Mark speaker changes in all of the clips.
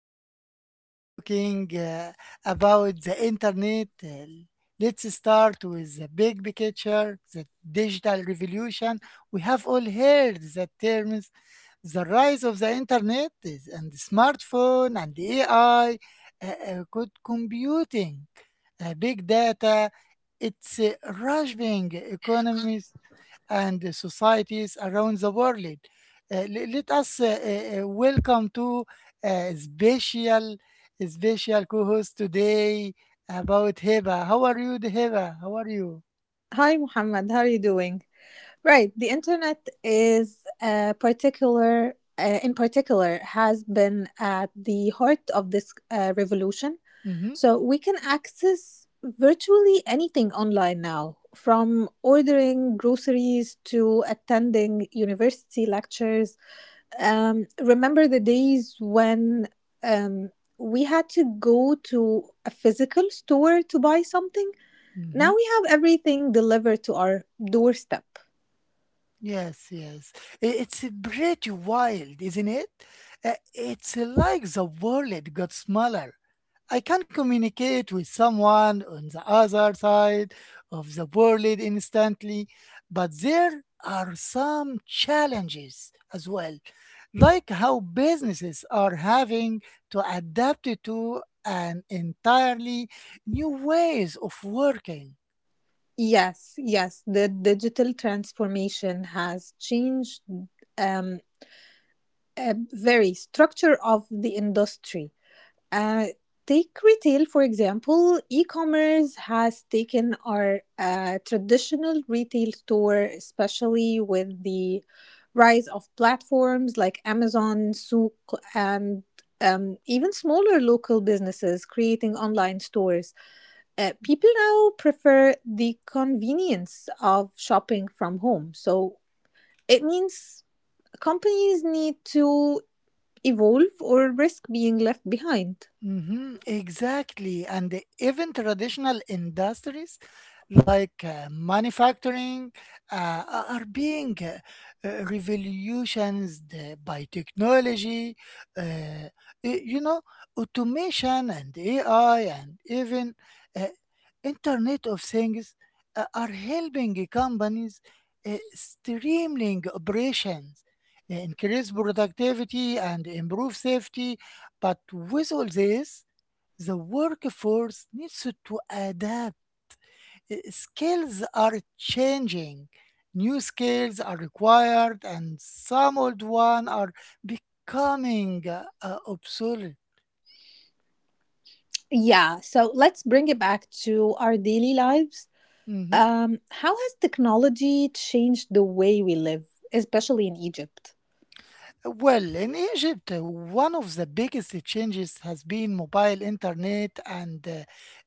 Speaker 1: Today we are talking about the internet. Let's start with the big picture, the digital revolution. We have all heard the terms, the rise of and the smartphone and the AI, good computing, big data. It's rushing economies and the societies around the world. Let us welcome to a special, special co-host today about Heba. How are you, Heba? How are you?
Speaker 2: Hi, Muhammad. How are you doing? Right. The internet in particular, has been at the heart of this revolution.
Speaker 1: Mm-hmm.
Speaker 2: So we can access virtually anything online now, from ordering groceries to attending university lectures. Remember the days when um, we had to go to a physical store to buy something?
Speaker 1: Mm-hmm.
Speaker 2: Now we have everything delivered to our doorstep.
Speaker 1: Yes, yes. It's a pretty wild, isn't it? It's like the world got smaller. I can communicate with someone on the other side of the world instantly, but there are some challenges as well, like how businesses are having to adapt to an entirely new ways of working.
Speaker 2: Yes, yes, the digital transformation has changed um, a very structure of the industry. Uh, Take retail, for example. E commerce has taken our traditional retail store, especially with the rise of platforms like Amazon, Souk, and even smaller local businesses creating online stores. People now prefer the convenience of shopping from home. So it means companies need to evolve or risk being left behind.
Speaker 1: Hmm, exactly. And even traditional industries like manufacturing, uh, are being revolutionized by technology. uh, y- you know, Automation and AI, and even uh, Internet of Things are helping companies streamlining operations, increase productivity, and improve safety. But with all this, the workforce needs to adapt. Skills are changing. New skills are required, and some old ones are becoming obsolete.
Speaker 2: Yeah, so let's bring it back to our daily lives.
Speaker 1: Mhm.
Speaker 2: How has technology changed the way we live, especially in Egypt?
Speaker 1: Well, in Egypt, one of the biggest changes has been mobile internet and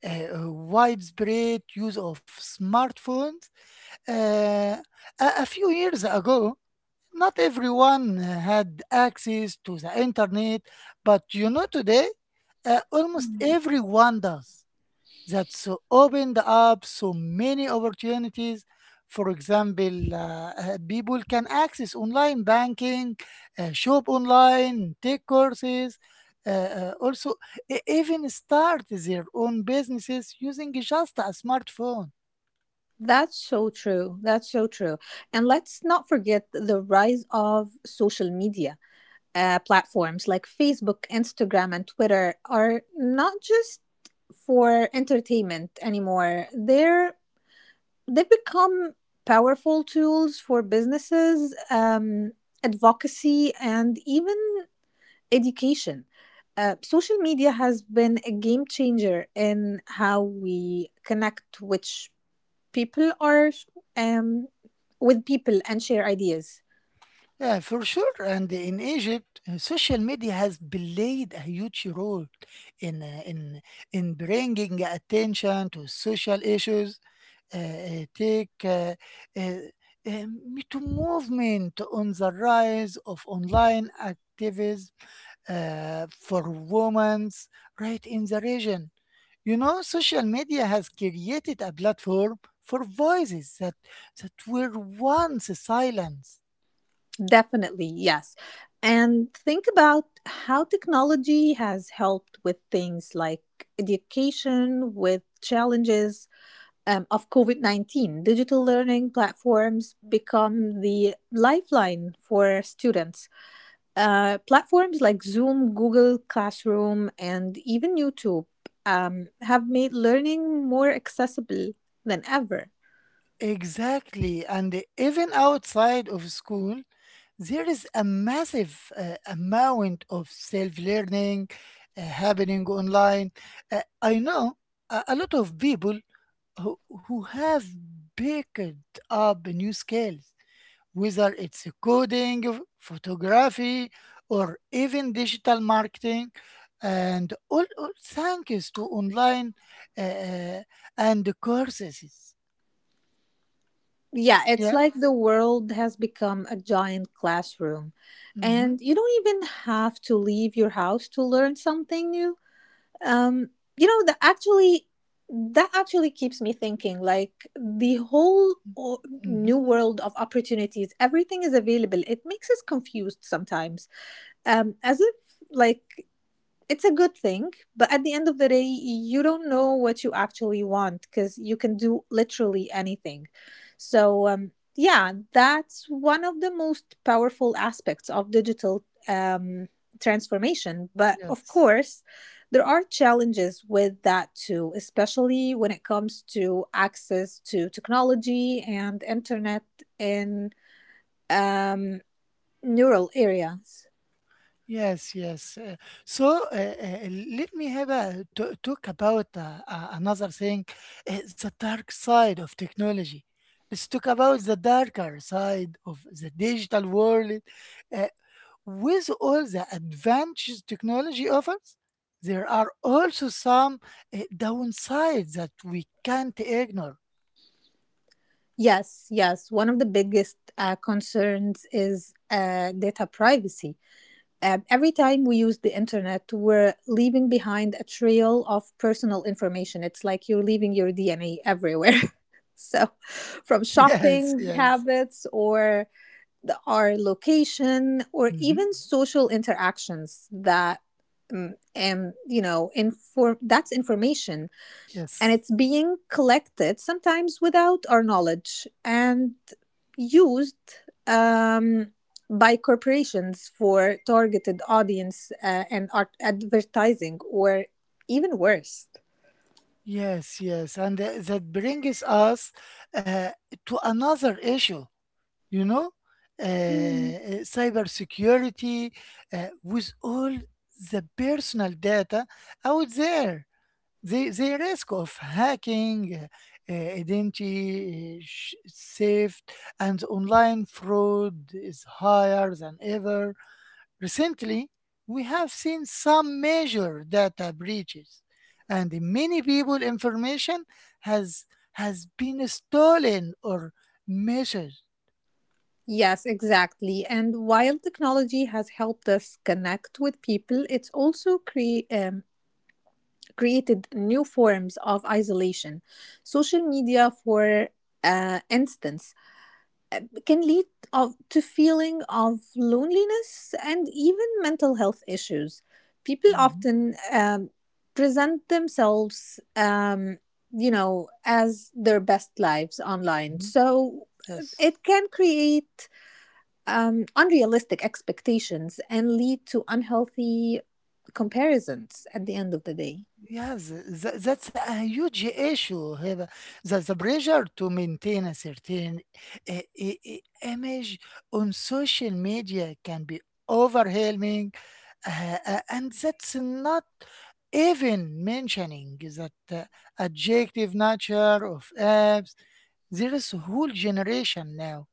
Speaker 1: uh, widespread use of smartphones. Uh, a few years ago, not everyone had access to the internet, but you know, today almost everyone does. That's opened up so many opportunities. For example, people can access online banking, shop online, take courses, also even start their own businesses using just a smartphone.
Speaker 2: That's so true. That's so true. And let's not forget the rise of social media. Platforms like Facebook, Instagram, and Twitter are not just for entertainment anymore. They've become powerful tools for businesses, advocacy, and even education. Social media has been a game changer in how we connect, which people are, um, with people and share ideas.
Speaker 1: Yeah, for sure. And in Egypt, social media has played a huge role in uh, in in bringing attention to social issues. Take uh, uh, Me Too movement on the rise of online activism for women's right in the region. You know, social media has created a platform for voices that were once silenced.
Speaker 2: Definitely, yes. And think about how technology has helped with things like education, with challenges of COVID 19. Digital learning platforms become the lifeline for students. Platforms like Zoom, Google Classroom, and even YouTube have made learning more accessible than ever.
Speaker 1: Exactly. And even outside of school, there is a massive amount of self learning happening online. I know a lot of people who, who have picked up new skills, whether it's coding, photography, or even digital marketing. All thanks to online uh, uh, and courses.
Speaker 2: Yeah, it's
Speaker 1: Yeah.
Speaker 2: like the world has become a giant classroom, and you don't even have to leave your house to learn something new. Um, you know that actually that actually keeps me thinking, like, the whole new
Speaker 1: Mhm.
Speaker 2: world of opportunities, everything is available, it makes us confused sometimes, as if, like, it's a good thing, but at the end of the day you don't know what you actually want because you can do literally anything. So, yeah, that's one of the most powerful aspects of digital transformation. But of
Speaker 1: Yes.
Speaker 2: course there are challenges with that too, especially when it comes to access to technology and internet in um, neural areas.
Speaker 1: Yes, yes. So uh, uh, Let me have a talk about another thing, the dark side of technology. Let's talk about the darker side of the digital world. Uh, with all the advantages technology offers, there are also some downsides that we can't ignore.
Speaker 2: Yes, yes. One of the biggest concerns is data privacy. Every time we use the internet, we're leaving behind a trail of personal information. It's like you're leaving your DNA everywhere. So, from
Speaker 1: Yes,
Speaker 2: shopping
Speaker 1: yes.
Speaker 2: habits or the, our location, or
Speaker 1: Mhm.
Speaker 2: even social interactions, that and you know inform that's information, and
Speaker 1: Yes.
Speaker 2: it's being collected sometimes without our knowledge and used um, by corporations for targeted audience and art advertising, or even worse.
Speaker 1: Yes, yes, and that brings us uh, to another issue, you know,
Speaker 2: Mm.
Speaker 1: cybersecurity with all the personal data out there. The risk of hacking, identity theft, and online fraud is higher than ever. Recently, we have seen some major data breaches, and many people information has has been stolen or measured.
Speaker 2: Yes, exactly. And while technology has helped us connect with people, it's also created new forms of isolation. Social media, for instance, can lead to feeling of loneliness and even mental health issues. People
Speaker 1: Mhm,
Speaker 2: often, present themselves, as their best lives online.
Speaker 1: mhm.
Speaker 2: So
Speaker 1: Yes.
Speaker 2: it can create unrealistic expectations and lead to unhealthy comparisons at the end of the day.
Speaker 1: Yes, that's a huge issue here. The pressure to maintain a certain image on social media can be overwhelming, and that's not even mentioning that adjective nature of apps. There is a whole generation now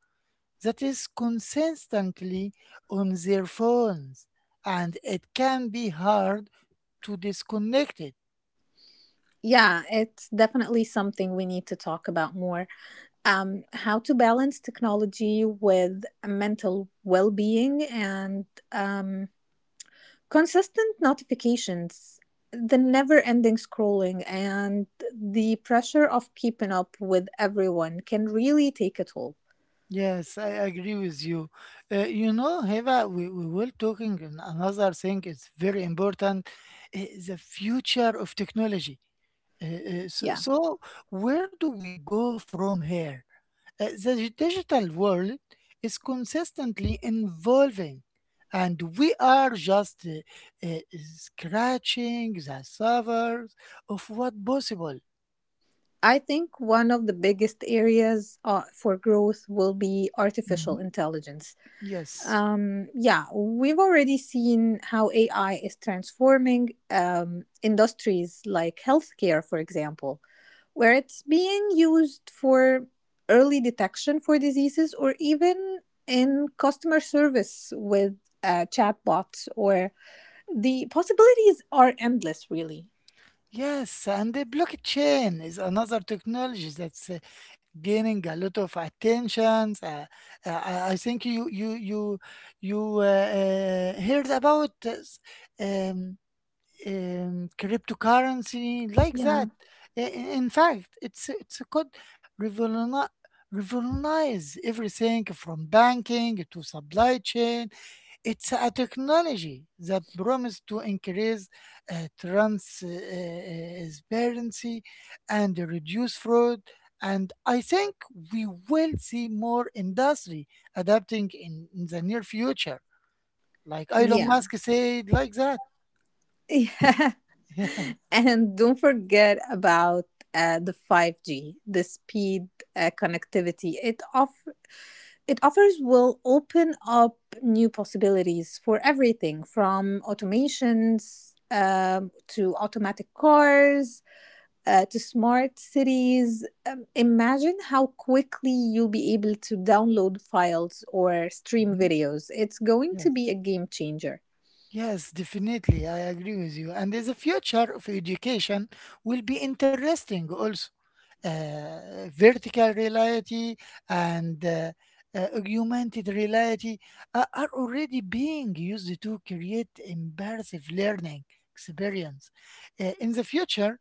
Speaker 1: that is consistently on their phones, and it can be hard to disconnect it.
Speaker 2: Yeah, it's definitely something we need to talk about more. How to balance technology with mental well being, and um, consistent notifications, the never ending scrolling, and the pressure of keeping up with everyone can really take a toll.
Speaker 1: Yes, I agree with you. You know, Heva, we will talking in another thing. It's very important, uh, the future of technology.
Speaker 2: Yeah.
Speaker 1: So where do we go from here? The digital world is consistently evolving, and we are just scratching the surface of what possible.
Speaker 2: I think one of the biggest areas for growth will be artificial
Speaker 1: Mhm.
Speaker 2: intelligence.
Speaker 1: Yes.
Speaker 2: Yeah, we've already seen how AI is transforming industries like healthcare, for example, where it's being used for early detection for diseases, or even in customer service with chatbots. Or the possibilities are endless, really.
Speaker 1: Yes, and the blockchain is another technology that's gaining a lot of attention. I think you you you you heard about um, cryptocurrency like
Speaker 2: Yeah,
Speaker 1: that. In fact, it's could revolutionize everything from banking to supply chain. It's a technology that promises to increase transparency and reduce fraud. And I think we will see more industry adapting in the near future, like Elon
Speaker 2: yeah.
Speaker 1: Musk said, like that.
Speaker 2: Yeah,
Speaker 1: Yeah.
Speaker 2: and don't forget about the 5G, the speed connectivity it offers will open up new possibilities for everything from automations, to automatic cars, to smart cities. Imagine how quickly you'll be able to download files or stream
Speaker 1: Mhm.
Speaker 2: videos. It's going to be
Speaker 1: Yes.
Speaker 2: a game changer.
Speaker 1: Yes, definitely. I agree with you. And the future of education will be interesting also. Vertical reality and augmented reality are already being used to create immersive learning experience. In the future,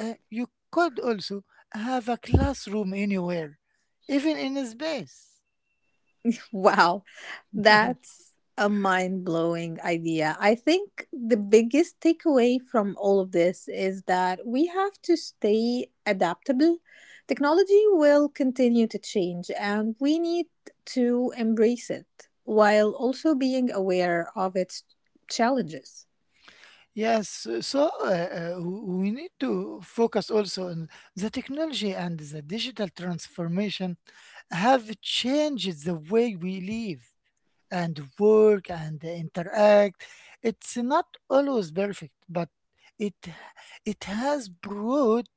Speaker 1: you could also have a classroom anywhere, even in space.
Speaker 2: Wow, that's a mind blowing idea. I think the biggest takeaway from all of this is that we have to stay adaptable. Technology will continue to change, and we need to embrace it while also being aware of its challenges.
Speaker 1: Yes, we need to focus also on the technology, and the digital transformation have changed the way we live and work and interact. It's not always perfect, but it it has brought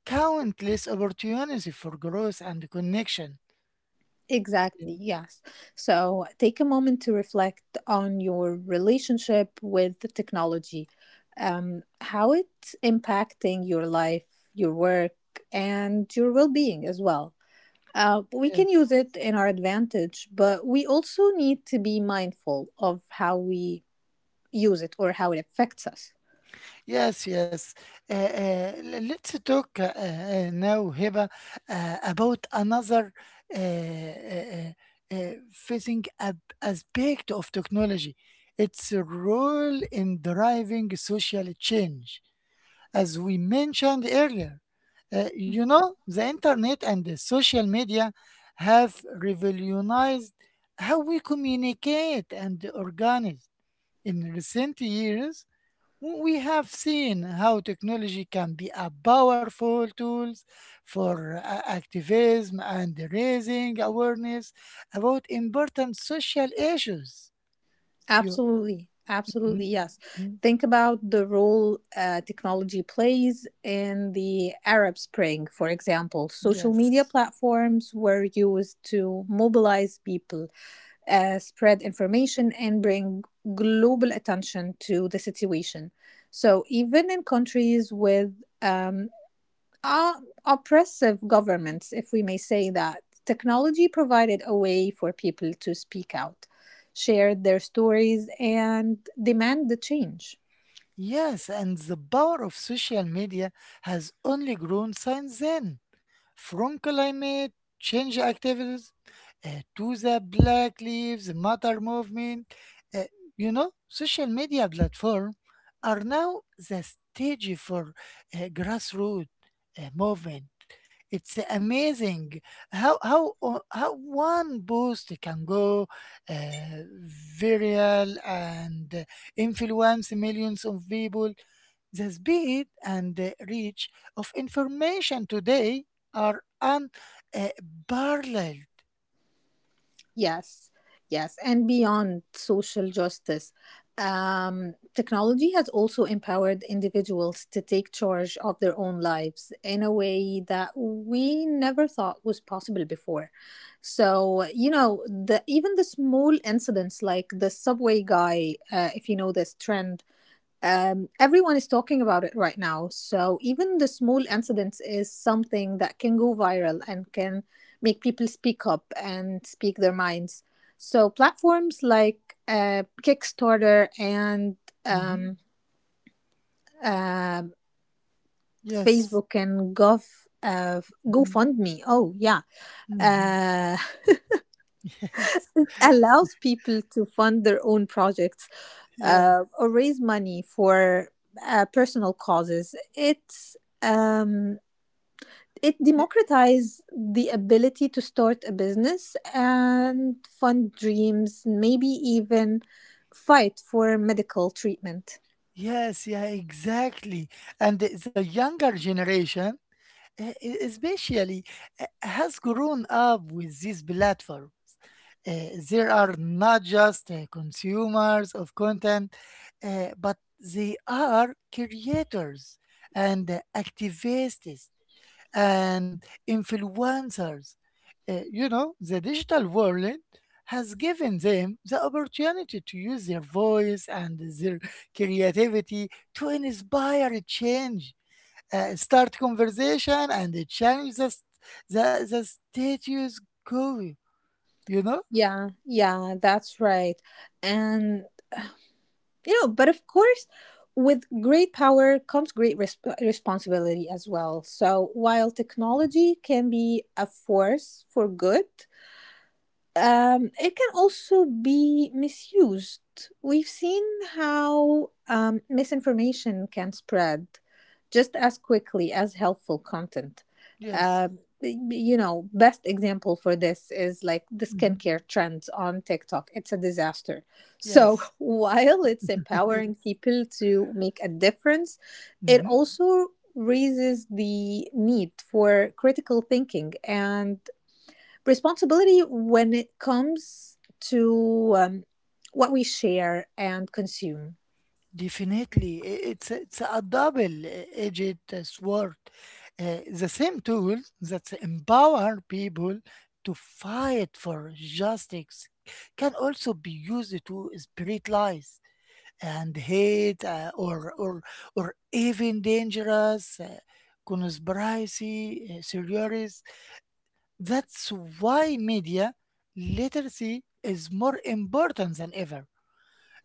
Speaker 1: countless opportunities for growth and connection.
Speaker 2: Exactly,
Speaker 1: Yeah,
Speaker 2: yes. So take a moment to reflect on your relationship with the technology, how it's impacting your life, your work, and your well being as well. We can
Speaker 1: yes.
Speaker 2: use it in our advantage, but we also need to be mindful of how we use it or how it affects us.
Speaker 1: Yes, yes. Let's talk now, Hiba, about another uh, uh, uh, facing aspect of technology. Its role in driving social change, as we mentioned earlier. You know, the internet and the social media have revolutionized how we communicate and organize. In recent years, we have seen how technology can be a powerful tools for activism and raising awareness about important social issues. You.
Speaker 2: Absolutely. Absolutely.
Speaker 1: Mhm,
Speaker 2: Yes.
Speaker 1: mhm.
Speaker 2: Think about the role technology plays in the Arab Spring, for example. Social media
Speaker 1: Yes.
Speaker 2: platforms were used to mobilize people, spread information, and bring global attention to the situation. So, even in countries with um, uh, oppressive governments, if we may say that. Technology provided a way for people to speak out, share their stories, and demand the change.
Speaker 1: Yes, and the power of social media has only grown since then. From climate change activities to the Black Lives Matter movement, uh, you know, social media platforms are now the stage for grassroots movement. It's amazing how one post can go uh, viral and influence millions of people. The speed and the reach of information today are unparalleled.
Speaker 2: Yes, yes, and beyond social justice, technology has also empowered individuals to take charge of their own lives in a way that we never thought was possible before. So, you know, the, even the small incidents like the subway guy, if you know this trend, everyone is talking about it right now. So even the small incidents is something that can go viral and can make people speak up and speak their minds. So platforms like Kickstarter, and
Speaker 1: Mhm.
Speaker 2: um, uh,
Speaker 1: Yes.
Speaker 2: Facebook, and Gov
Speaker 1: Mhm.
Speaker 2: GoFundMe. Oh yeah,
Speaker 1: Mhm.
Speaker 2: uh, it
Speaker 1: Yes.
Speaker 2: allows people to fund their own projects,
Speaker 1: Yes.
Speaker 2: or raise money for personal causes. Um, it
Speaker 1: Y-
Speaker 2: democratizes the ability to start a business and fund dreams, maybe even fight for medical treatment.
Speaker 1: Yes. Yeah. Exactly. And the younger generation especially has grown up with these platforms. There are not just consumers of content, but they are creators and activists and influencers. You know, the digital world has given them the opportunity to use their voice and their creativity to inspire change, start conversation, and challenge the status quo, you know?
Speaker 2: Yeah, yeah, that's right. And you know, but of course, with great power comes great responsibility as well. So while technology can be a force for good, it can also be misused. We've seen how, misinformation can spread just as quickly as helpful content.
Speaker 1: Yes.
Speaker 2: You know, best example for this is like the
Speaker 1: Hmm.
Speaker 2: skincare trends on TikTok. It's a disaster. So
Speaker 1: Yes.
Speaker 2: while it's empowering
Speaker 1: Yes.
Speaker 2: people to make a difference, it
Speaker 1: Hmm.
Speaker 2: also raises the need for critical thinking and responsibility when it comes to what we share and consume.
Speaker 1: Definitely. It's, it's a double-edged sword. The same tools that empower people to fight for justice can also be used to spread lies and hate, or even dangerous conspiracy theories. That's why media literacy is more important than ever.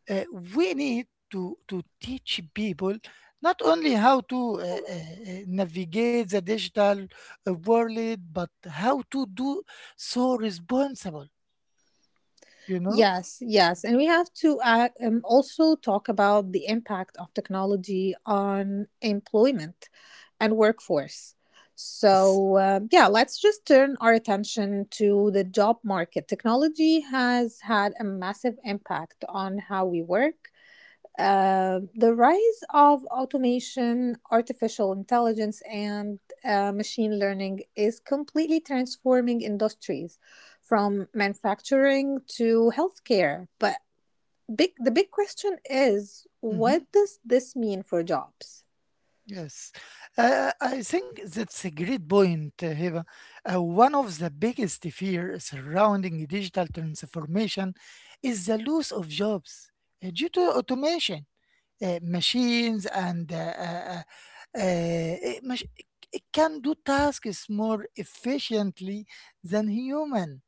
Speaker 1: Uh, we need to teach people not only how to navigate the digital world but how to do so responsible, you know?
Speaker 2: Yes, yes. And we have to also talk about the impact of technology on employment and workforce.
Speaker 1: Yes.
Speaker 2: So, yeah, let's just turn our attention to the job market. Technology has had a massive impact on how we work. The rise of automation, artificial intelligence, and machine learning is completely transforming industries from manufacturing to healthcare. But the big question is,
Speaker 1: Mm-hmm.
Speaker 2: what does this mean for jobs?
Speaker 1: Yes, I think that's a great point, Hiba. One of the biggest fear surrounding digital transformation is the loss of jobs due to automation, machines, and uh, uh, mach- it can do tasks more efficiently than human,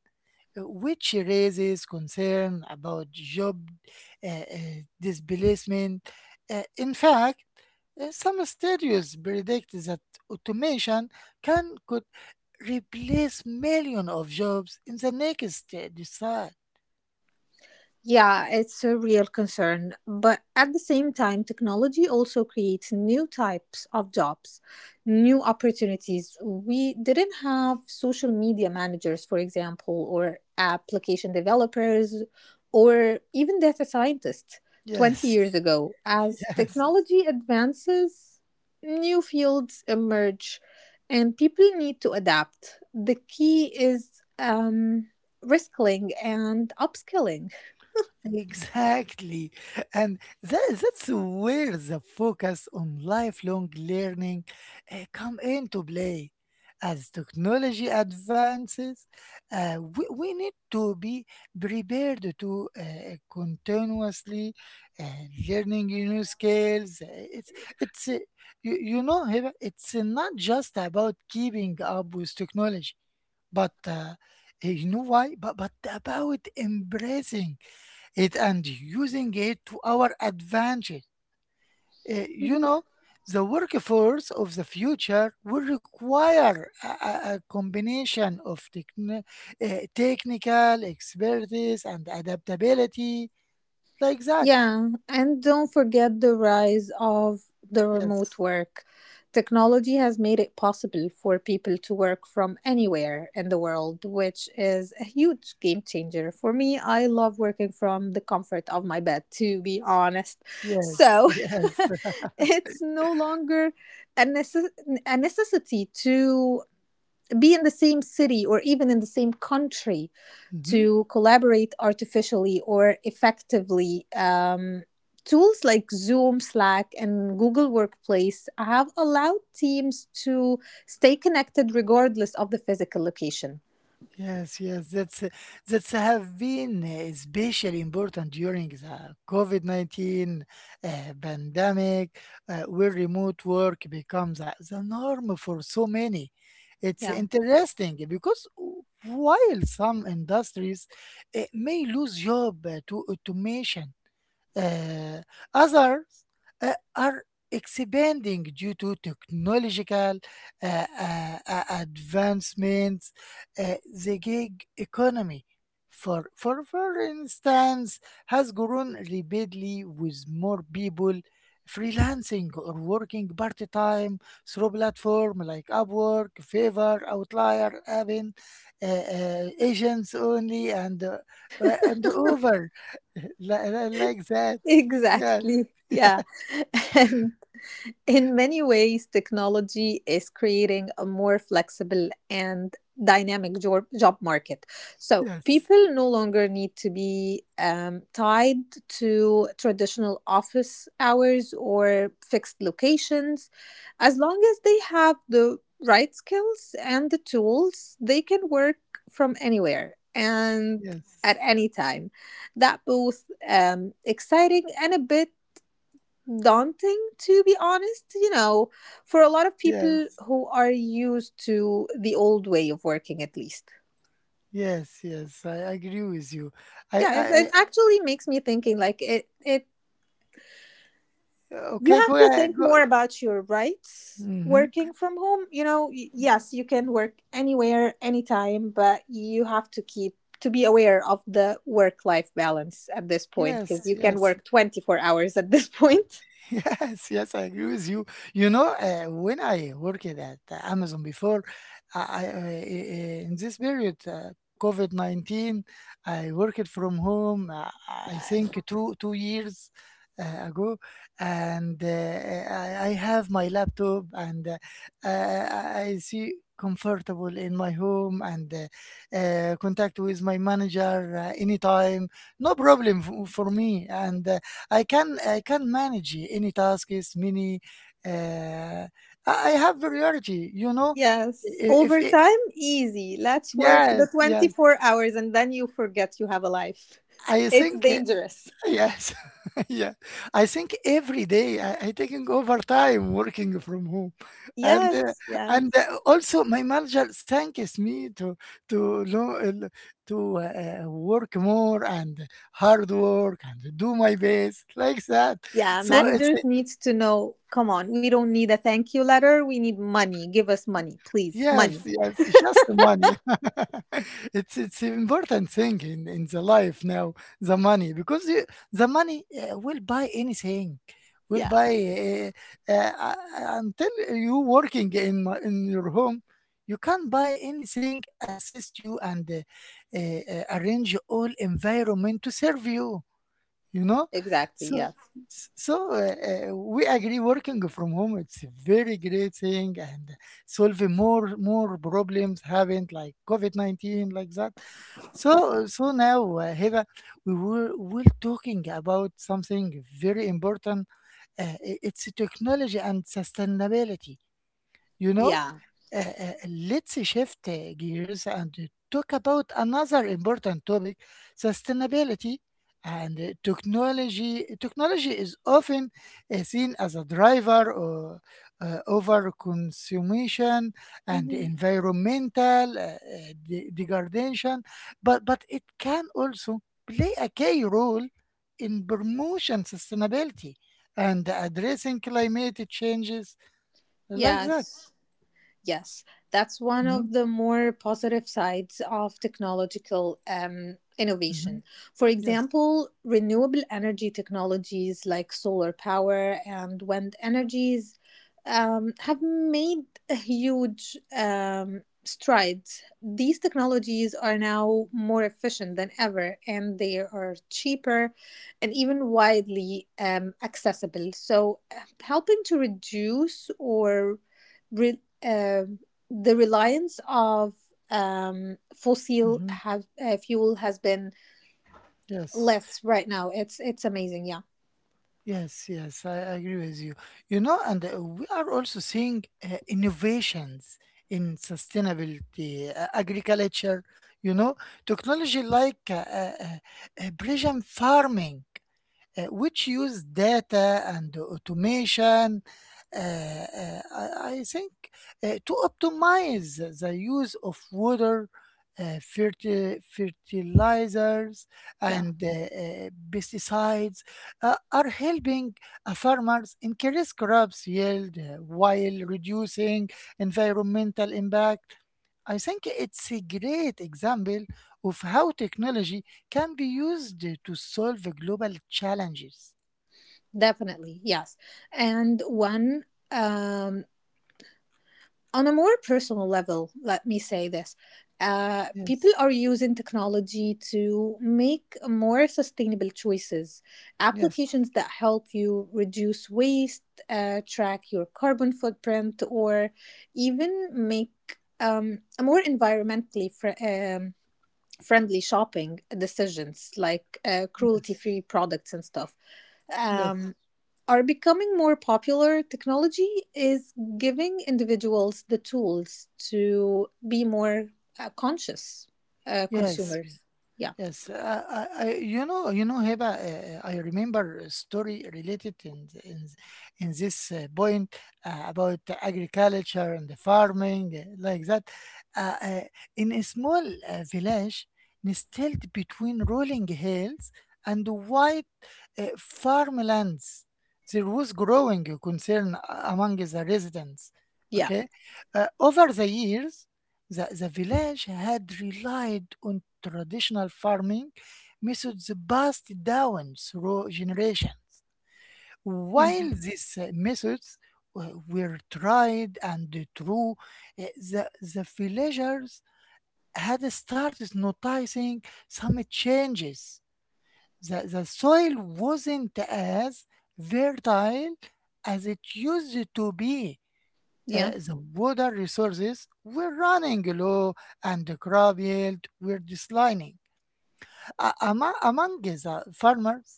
Speaker 1: which raises concern about job displacement. In fact, some studies predict that automation can could replace millions of jobs in the next decade.
Speaker 2: Yeah, it's a real concern. But at the same time, technology also creates new types of jobs, new opportunities. We didn't have social media managers, for example, or application developers, or even data scientists 20
Speaker 1: Yes,
Speaker 2: years ago. As
Speaker 1: yes.
Speaker 2: technology advances, new fields emerge and people need to adapt. The key is reskilling and upskilling.
Speaker 1: Exactly. And that's where the focus on lifelong learning come into play. As technology advances, we need to be prepared to continuously uh, learning new skills. It's uh, you know, Hiba, it's not just about keeping up with technology, but you know why? But about embracing it and using it to our advantage. You
Speaker 2: Mhm.
Speaker 1: know, the workforce of the future will require a combination of technical expertise and adaptability, like that.
Speaker 2: Yeah, and don't forget the rise of the remote
Speaker 1: Yes,
Speaker 2: work. Technology has made it possible for people to work from anywhere in the world, which is a huge game changer. For me, I love working from the comfort of my bed, to be honest.
Speaker 1: yes,
Speaker 2: So
Speaker 1: yes.
Speaker 2: it's no longer a, necess- a necessity to be in the same city or even in the same country
Speaker 1: Mhm.
Speaker 2: to collaborate artificially or effectively. Tools like Zoom, Slack, and Google Workplace have allowed teams to stay connected regardless of the physical location.
Speaker 1: Yes, yes, that's have been especially important during the COVID-19 pandemic, where remote work becomes the norm for so many. It's
Speaker 2: Yeah,
Speaker 1: interesting because while some industries may lose job to automation, uh, others are expanding due to technological advancements, uh, the gig economy. For instance, has grown rapidly with more people freelancing or working part time through platforms like Upwork, Fiverr, Outlier, Avin, Agents Only, and over like that. Yes,
Speaker 2: exactly. Yeah. And in many ways, technology is creating a more flexible and dynamic job market. So
Speaker 1: yes,
Speaker 2: people no longer need to be tied to traditional office hours or fixed locations. As long as they have the right skills and the tools, they can work from anywhere and
Speaker 1: yes,
Speaker 2: at any time. That both, exciting and a bit daunting, to be honest, you know, for a lot of people
Speaker 1: yes,
Speaker 2: who are used to the old way of working, at least.
Speaker 1: yes, yes. I agree with you. I,
Speaker 2: Yeah,
Speaker 1: I,
Speaker 2: it actually makes me thinking, like, it
Speaker 1: I
Speaker 2: you
Speaker 1: okay,
Speaker 2: have
Speaker 1: go
Speaker 2: to
Speaker 1: ahead.
Speaker 2: think
Speaker 1: Go.
Speaker 2: more about your rights
Speaker 1: Mm-hmm.
Speaker 2: working from home, you know. Yes, you can work anywhere anytime, but you have to keep to be aware of the work life balance at this point, because
Speaker 1: Yes,
Speaker 2: you can
Speaker 1: yes,
Speaker 2: work 24 hours at this point.
Speaker 1: yes, yes, I agree with you. You know, when I worked at Amazon before, I, I in this period, COVID 19, I worked from home, I think 2 years ago, and I have my laptop and I see comfortable in my home and contact with my manager anytime. No problem for me. And I can manage any tasks, many. Uh, I I have variety, you know.
Speaker 2: Yes,
Speaker 1: I- If it,
Speaker 2: overtime, easy. Let's work
Speaker 1: yes,
Speaker 2: the
Speaker 1: yes,
Speaker 2: 24 hours and then you forget you have a life.
Speaker 1: I
Speaker 2: It's
Speaker 1: think
Speaker 2: dangerous.
Speaker 1: yes, yeah. I think every day I taking overtime working from home, and uh,
Speaker 2: Yes,
Speaker 1: and
Speaker 2: yes.
Speaker 1: also my manager thanks me to to lo- uh, to work more and hard work and do my best like that.
Speaker 2: Yeah,
Speaker 1: So it's
Speaker 2: managers need to know, come on, we don't need a thank you letter. We need money. Give us money, please.
Speaker 1: Yes,
Speaker 2: Money.
Speaker 1: yes, it's just the money. It's an important thing in the life now, the money, because the money will buy anything, will
Speaker 2: Yeah,
Speaker 1: buy uh, uh, uh, until you working in your home, you can buy anything, assist you, and arrange all environment to serve you you know
Speaker 2: exactly.
Speaker 1: so
Speaker 2: Yes.
Speaker 1: we agree working from home it's a very great thing and solving more problems have like covid-19 like that. So now, Heva, we're talking about something very important. It's technology and sustainability, you know,
Speaker 2: Yeah.
Speaker 1: let's shift gears and talk about another important topic, sustainability and technology. Technology is often seen as a driver or, over consumption and
Speaker 2: Hmm.
Speaker 1: environmental degradation, but it can also play a key role in promotion sustainability and addressing climate changes like that.
Speaker 2: Yes. Yes, that's one
Speaker 1: Hmm?
Speaker 2: of the more positive sides of technological
Speaker 1: Mhm.
Speaker 2: innovation. For
Speaker 1: Yes.
Speaker 2: example, renewable energy technologies like solar power and wind energies have made a huge strides. These technologies are now more efficient than ever, and they are cheaper and even widely accessible. So, helping to reduce or re- um, the reliance of
Speaker 1: Mhm.
Speaker 2: fuel has been
Speaker 1: Yes.
Speaker 2: less right now. It's amazing. Yeah,
Speaker 1: Yes. Yes. I agree with you. You know, and we are also seeing innovations in sustainability, agriculture, you know, technology like precision farming, which use data and automation. uh, uh, I, I think to optimize the use of water, fertilizers,
Speaker 2: yeah,
Speaker 1: and pesticides are helping farmers increase crops yield while reducing environmental impact. I think it's a great example of how technology can be used to solve global challenges.
Speaker 2: definitely yes. And one um, on a more personal level, let me say this. People
Speaker 1: Yes,
Speaker 2: are using technology to make more sustainable choices,
Speaker 1: yes,
Speaker 2: applications that help you reduce waste, track your carbon footprint, or even make a more environmentally friendly shopping decisions like cruelty
Speaker 1: yes,
Speaker 2: free products and stuff.
Speaker 1: yes.
Speaker 2: Um, are becoming more popular, technology is giving individuals the tools to be more conscious
Speaker 1: Yes.
Speaker 2: consumers. Yeah.
Speaker 1: Yes, I, you know, Heba, I remember a story related in this point about the agriculture and the farming like that. Uh, uh, in a small village nestled between rolling hills and white farmlands, there was growing concern among the residents.
Speaker 2: Yeah.
Speaker 1: Okay, over the years the village had relied on traditional farming methods passed down through generations. While
Speaker 2: hmm
Speaker 1: these methods were tried and true, the villagers had started noticing some changes. The soil wasn't as fertile as it used to be.
Speaker 2: Yeah.
Speaker 1: The water resources were running low and the crop yield were declining. Among the farmers,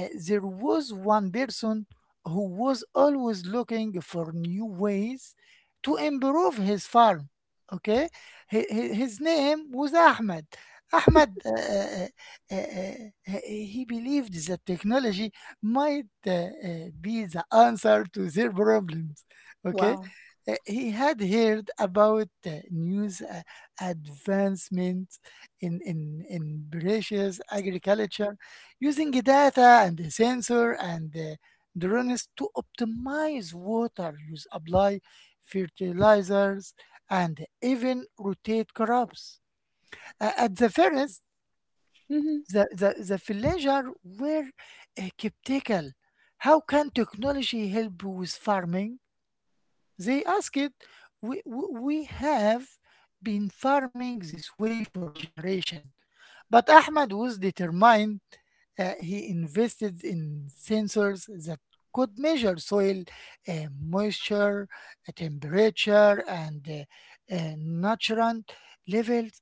Speaker 1: there was one person who was always looking for new ways to improve his farm. Okay. His name was Ahmed. Ahmed, uh, uh, uh, uh, uh, he believed that technology might be the answer to their problems. Okay.
Speaker 2: Wow.
Speaker 1: He had heard about news advancement in precious agriculture using data and the sensor and the drones to optimize water use, apply fertilizers, and even rotate crops. At the first,
Speaker 2: hmm
Speaker 1: the villagers were skeptical. How can technology help with farming? They asked, it. We have been farming this way for generation, but Ahmad was determined. He invested in sensors that could measure soil moisture, temperature, and nutrient levels.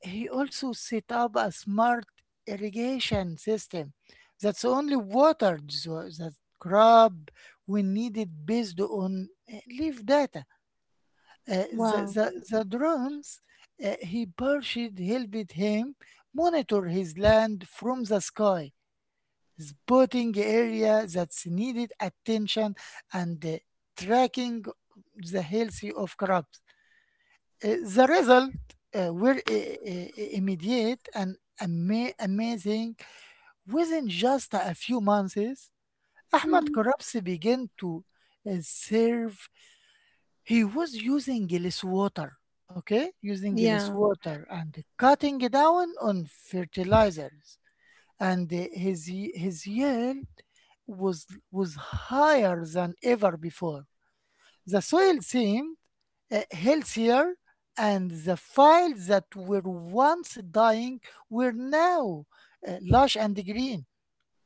Speaker 1: He also set up a smart irrigation system that's only watered the crop when needed based on leaf data.
Speaker 2: Wow.
Speaker 1: The drones he purchased helped him monitor his land from the sky, spotting area that needed attention and tracking the health of crops. The result were immediate and amazing. Within just a few months,
Speaker 2: hmm
Speaker 1: Ahmad Korabsi began to serve. He was using less water, okay? Using less
Speaker 2: Yeah.
Speaker 1: water and cutting down on fertilizers. And his yield was higher than ever before. The soil seemed healthier, and the fields that were once dying were now lush and green,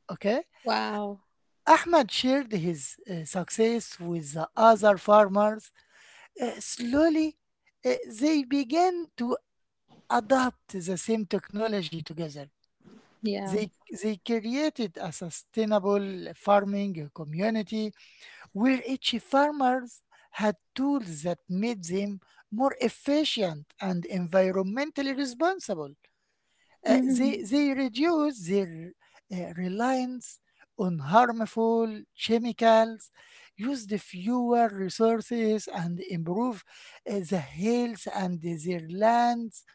Speaker 1: okay?
Speaker 2: Wow.
Speaker 1: Ahmad shared his success with the other farmers. Slowly, uh, they began to adopt the same technology together.
Speaker 2: Yeah.
Speaker 1: They, they created a sustainable farming community where each farmers had tools that made them more efficient and environmentally responsible.
Speaker 2: hmm
Speaker 1: They reduce their reliance on harmful chemicals, use the fewer resources, and improve the health and their lands.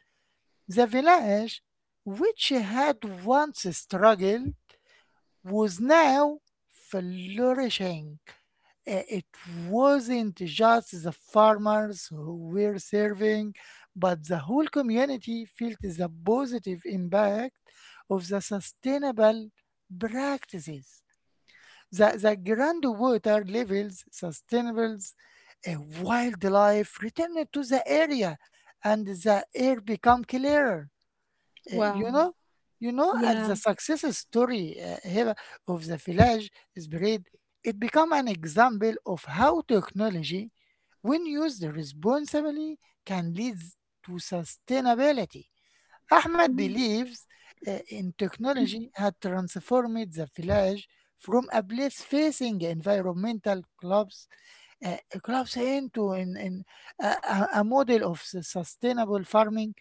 Speaker 1: The village, which had once struggled, was now flourishing. It wasn't just the farmers who were serving, but the whole community felt the positive impact of the sustainable practices. The groundwater levels, sustainables, uh, wildlife returned to the area, and the air became clearer. Uh, you
Speaker 2: Wow.
Speaker 1: know, you know, as the
Speaker 2: Yeah.
Speaker 1: success story here of the village spread, it become an example of how technology, when used responsibly, can lead to sustainability. Ahmed
Speaker 2: hmm
Speaker 1: believes in technology had transformed the village from a place facing environmental collapse, into in a model of sustainable farming.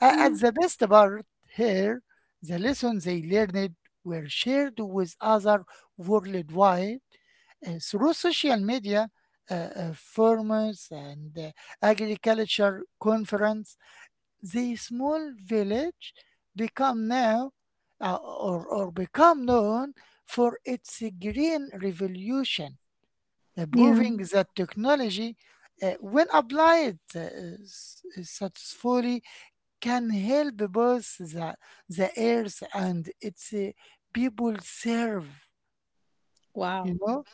Speaker 2: hmm
Speaker 1: At the best part here, the lessons they learned were shared with other worldwide through social media, forums, and agriculture conference. The small village become now, or become known for its green revolution,
Speaker 2: Yeah.
Speaker 1: proving that technology, when applied successfully, can help both the earth and its people serve.
Speaker 2: Wow.
Speaker 1: You know,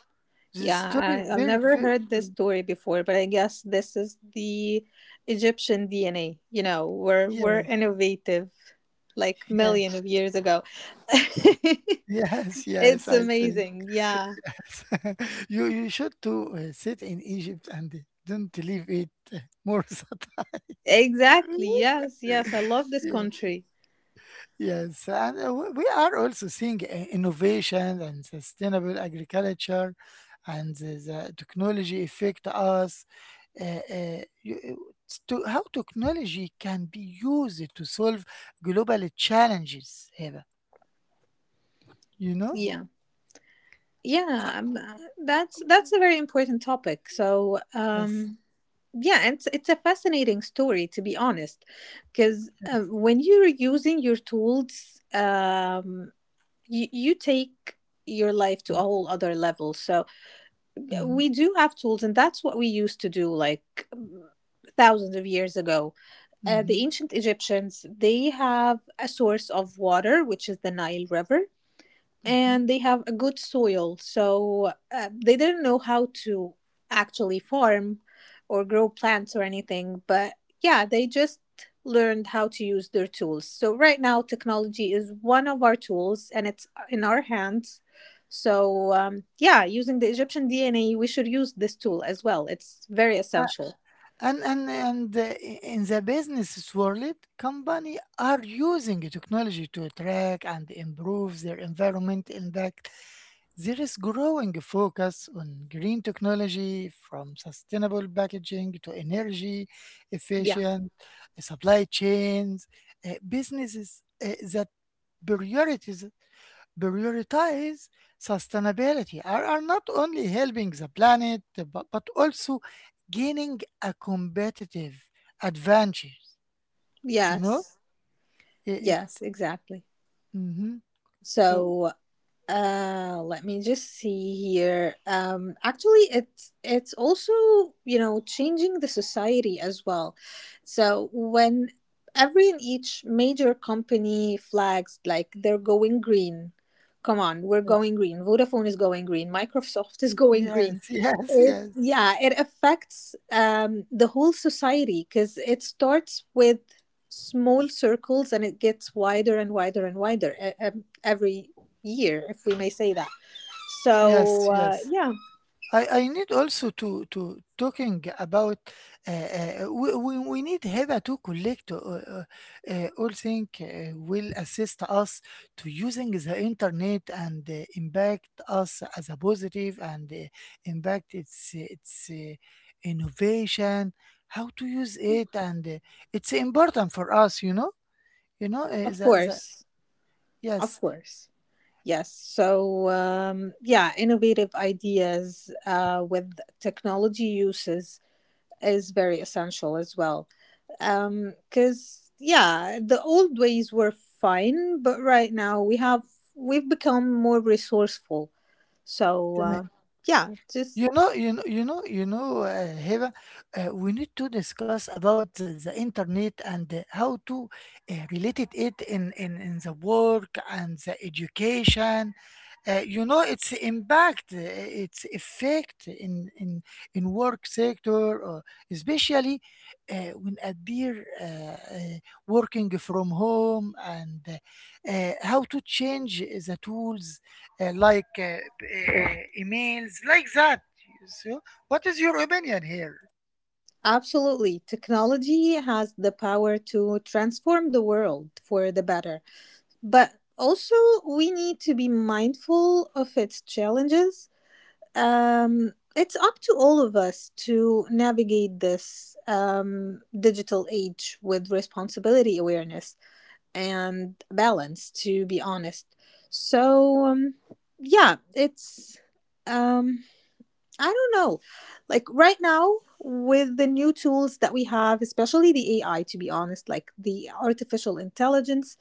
Speaker 1: the story
Speaker 2: Yeah. I've
Speaker 1: very,
Speaker 2: never
Speaker 1: very
Speaker 2: heard this story before, but I guess this is the Egyptian DNA. You know, we're
Speaker 1: yes,
Speaker 2: innovative like
Speaker 1: yeah,
Speaker 2: million of years ago.
Speaker 1: yes, yes.
Speaker 2: It's
Speaker 1: I think
Speaker 2: amazing. Yeah.
Speaker 1: you should to sit in Egypt and don't leave it more than
Speaker 2: Exactly. Yes.
Speaker 1: time.
Speaker 2: Yes. I love this
Speaker 1: Yeah.
Speaker 2: country.
Speaker 1: Yes, and we are also seeing innovation and sustainable agriculture and the technology affect us. Uh, it's to how technology can be used to solve global challenges, Eva. You know?
Speaker 2: Yeah. Yeah. I'm, that's a very important topic. So,
Speaker 1: Yes.
Speaker 2: um, yeah, it's a fascinating story to be honest, because when you're using your tools, you take your life to a whole other level. So
Speaker 1: Mm,
Speaker 2: we do have tools, and that's what we used to do, like thousands of years ago.
Speaker 1: mhm,
Speaker 2: The ancient Egyptians, they have a source of water, which is the Nile River,
Speaker 1: mhm.
Speaker 2: and they have a good soil. So they didn't know how to actually farm or grow plants or anything, but yeah, they just learned how to use their tools. So right now, technology is one of our tools and it's in our hands. So, yeah, using the Egyptian DNA, we should use this tool as well. It's very
Speaker 1: Uh,
Speaker 2: essential.
Speaker 1: and and in the business world, company are using technology to track and improve their environment impact. There is growing focus on green technology from sustainable packaging to energy
Speaker 2: Yeah.
Speaker 1: efficient supply chains. Businesses that priorities, prioritize sustainability are not only helping the planet, but also gaining a competitive advantage. You know,
Speaker 2: Yes. Yes,
Speaker 1: it's.
Speaker 2: exactly.
Speaker 1: Mhm. Oh,
Speaker 2: So, let me just see here. Actually, it's also, you know, changing the society as well. So when every and each major company flags like they're going green, come on, we're
Speaker 1: yes,
Speaker 2: going green. Vodafone is going green. Microsoft is going
Speaker 1: yes,
Speaker 2: green.
Speaker 1: yes,
Speaker 2: It,
Speaker 1: yes,
Speaker 2: yeah, it affects the whole society because it starts with small circles and it gets wider and wider and wider every year, if we may say that.
Speaker 1: yes,
Speaker 2: So,
Speaker 1: yes.
Speaker 2: yeah,
Speaker 1: I need also to talking about we need HIPAA to collect all things will assist us to using the internet and impact us as a positive and impact its innovation, how to use it, and it's important for us, you know,
Speaker 2: Of
Speaker 1: the, the,
Speaker 2: course. Of
Speaker 1: yes.
Speaker 2: course. Yes. So, yeah, innovative ideas with technology uses is very essential as well. Because, yeah, the old ways were fine, but right now we have, we've become more resourceful. So, yeah, just
Speaker 1: You know, Hiba, we need to discuss about the internet and how to related it in the work and the education, you know its impact, its effect in work sector, especially when appear working from home and how to change the tools uh, like uh, uh, emails like that. So, what is your opinion here?
Speaker 2: absolutely. Technology has the power to transform the world for the better. But also, we need to be mindful of its challenges. It's up to all of us to navigate this digital age with responsibility, awareness, and balance, to be honest. So, yeah, it's. Um, I don't know. Like right now, with the new tools that we have, especially the AI, to be honest, like the artificial intelligence,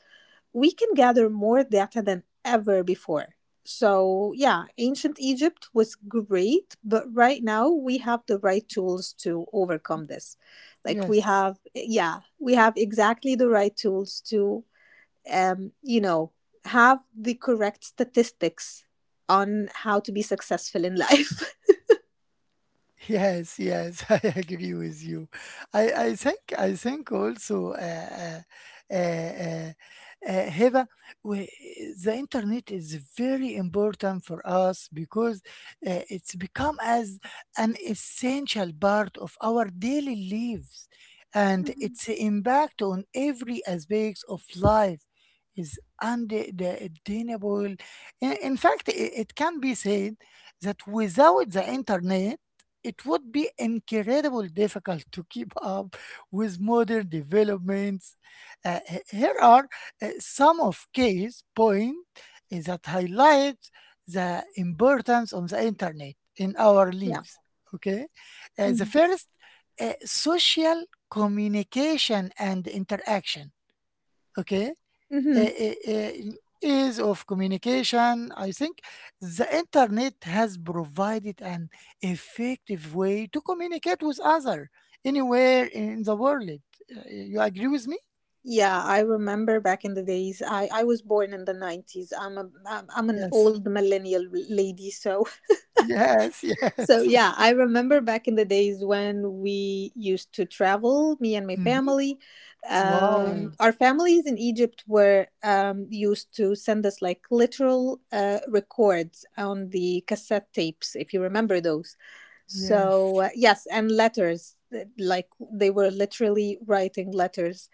Speaker 2: we can gather more data than ever before. So, yeah, ancient Egypt was great, but right now we have the right tools to overcome this. Like we
Speaker 1: Yes.
Speaker 2: have, yeah, we have exactly the right tools to, you know, have the correct statistics on how to be successful in life.
Speaker 1: Yes, yes, I agree with you. I think also uh, Heba, we, the internet is very important for us because it's become as an essential part of our daily lives, and
Speaker 2: Mhm.
Speaker 1: its impact on every aspect of life is undeniable. In fact, I it can be said that without the internet it would be incredibly difficult to keep up with modern developments. Here are some of case points that highlight the importance of the internet in our
Speaker 2: Yeah.
Speaker 1: lives. Okay. The
Speaker 2: Mhm.
Speaker 1: first, social communication and interaction. Okay. uh,
Speaker 2: Mhm.
Speaker 1: uh, uh, Ease of communication, I think the internet has provided an effective way to communicate with others anywhere in the world. You agree with me?
Speaker 2: Yeah, I remember back in the days. I was born in the 90s. I'm a I'm I'm an
Speaker 1: Yes.
Speaker 2: old millennial lady, so
Speaker 1: Yes,
Speaker 2: so
Speaker 1: yes.
Speaker 2: yeah, I remember back in the days when we used to travel, me and my
Speaker 1: Mhm.
Speaker 2: family.
Speaker 1: Wow.
Speaker 2: Our families in Egypt were used to send us like literal records on the cassette tapes, if you remember those.
Speaker 1: Yes.
Speaker 2: So, yes, and letters, like they were literally writing letters.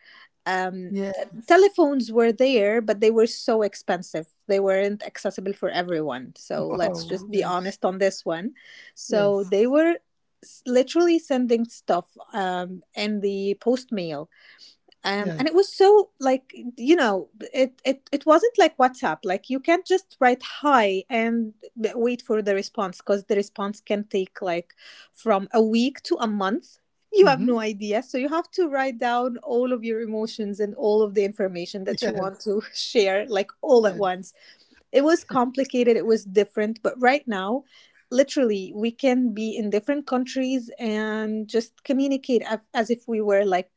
Speaker 2: Um,
Speaker 1: Yes.
Speaker 2: Telephones were there, but they were so expensive. They weren't accessible for everyone. So let's
Speaker 1: Wow.
Speaker 2: just be
Speaker 1: Yes.
Speaker 2: honest on this one. So they
Speaker 1: Yes.
Speaker 2: were literally sending stuff in the post mail,
Speaker 1: Yes.
Speaker 2: and it was so like, you know, it wasn't like WhatsApp. Like you can't just write hi and wait for the response because the response can take like from a week to a month. You have
Speaker 1: Hmm.
Speaker 2: no idea, so you have to write down all of your emotions and all of the information that you want
Speaker 1: Yes.
Speaker 2: to share, like all at
Speaker 1: Yes.
Speaker 2: once. It was complicated, it was different, but right now, literally, we can be in different countries and just communicate as, if we were like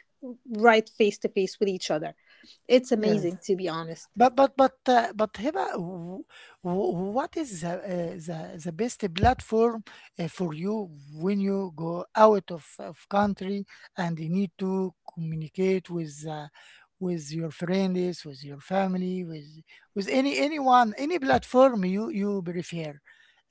Speaker 2: right face to face with each other. It's
Speaker 1: Yes.
Speaker 2: amazing, to be honest.
Speaker 1: But Hiba, what is the, the best platform for you when you go out of country and you need to communicate with your friends, with your family, with any anyone, any platform you prefer?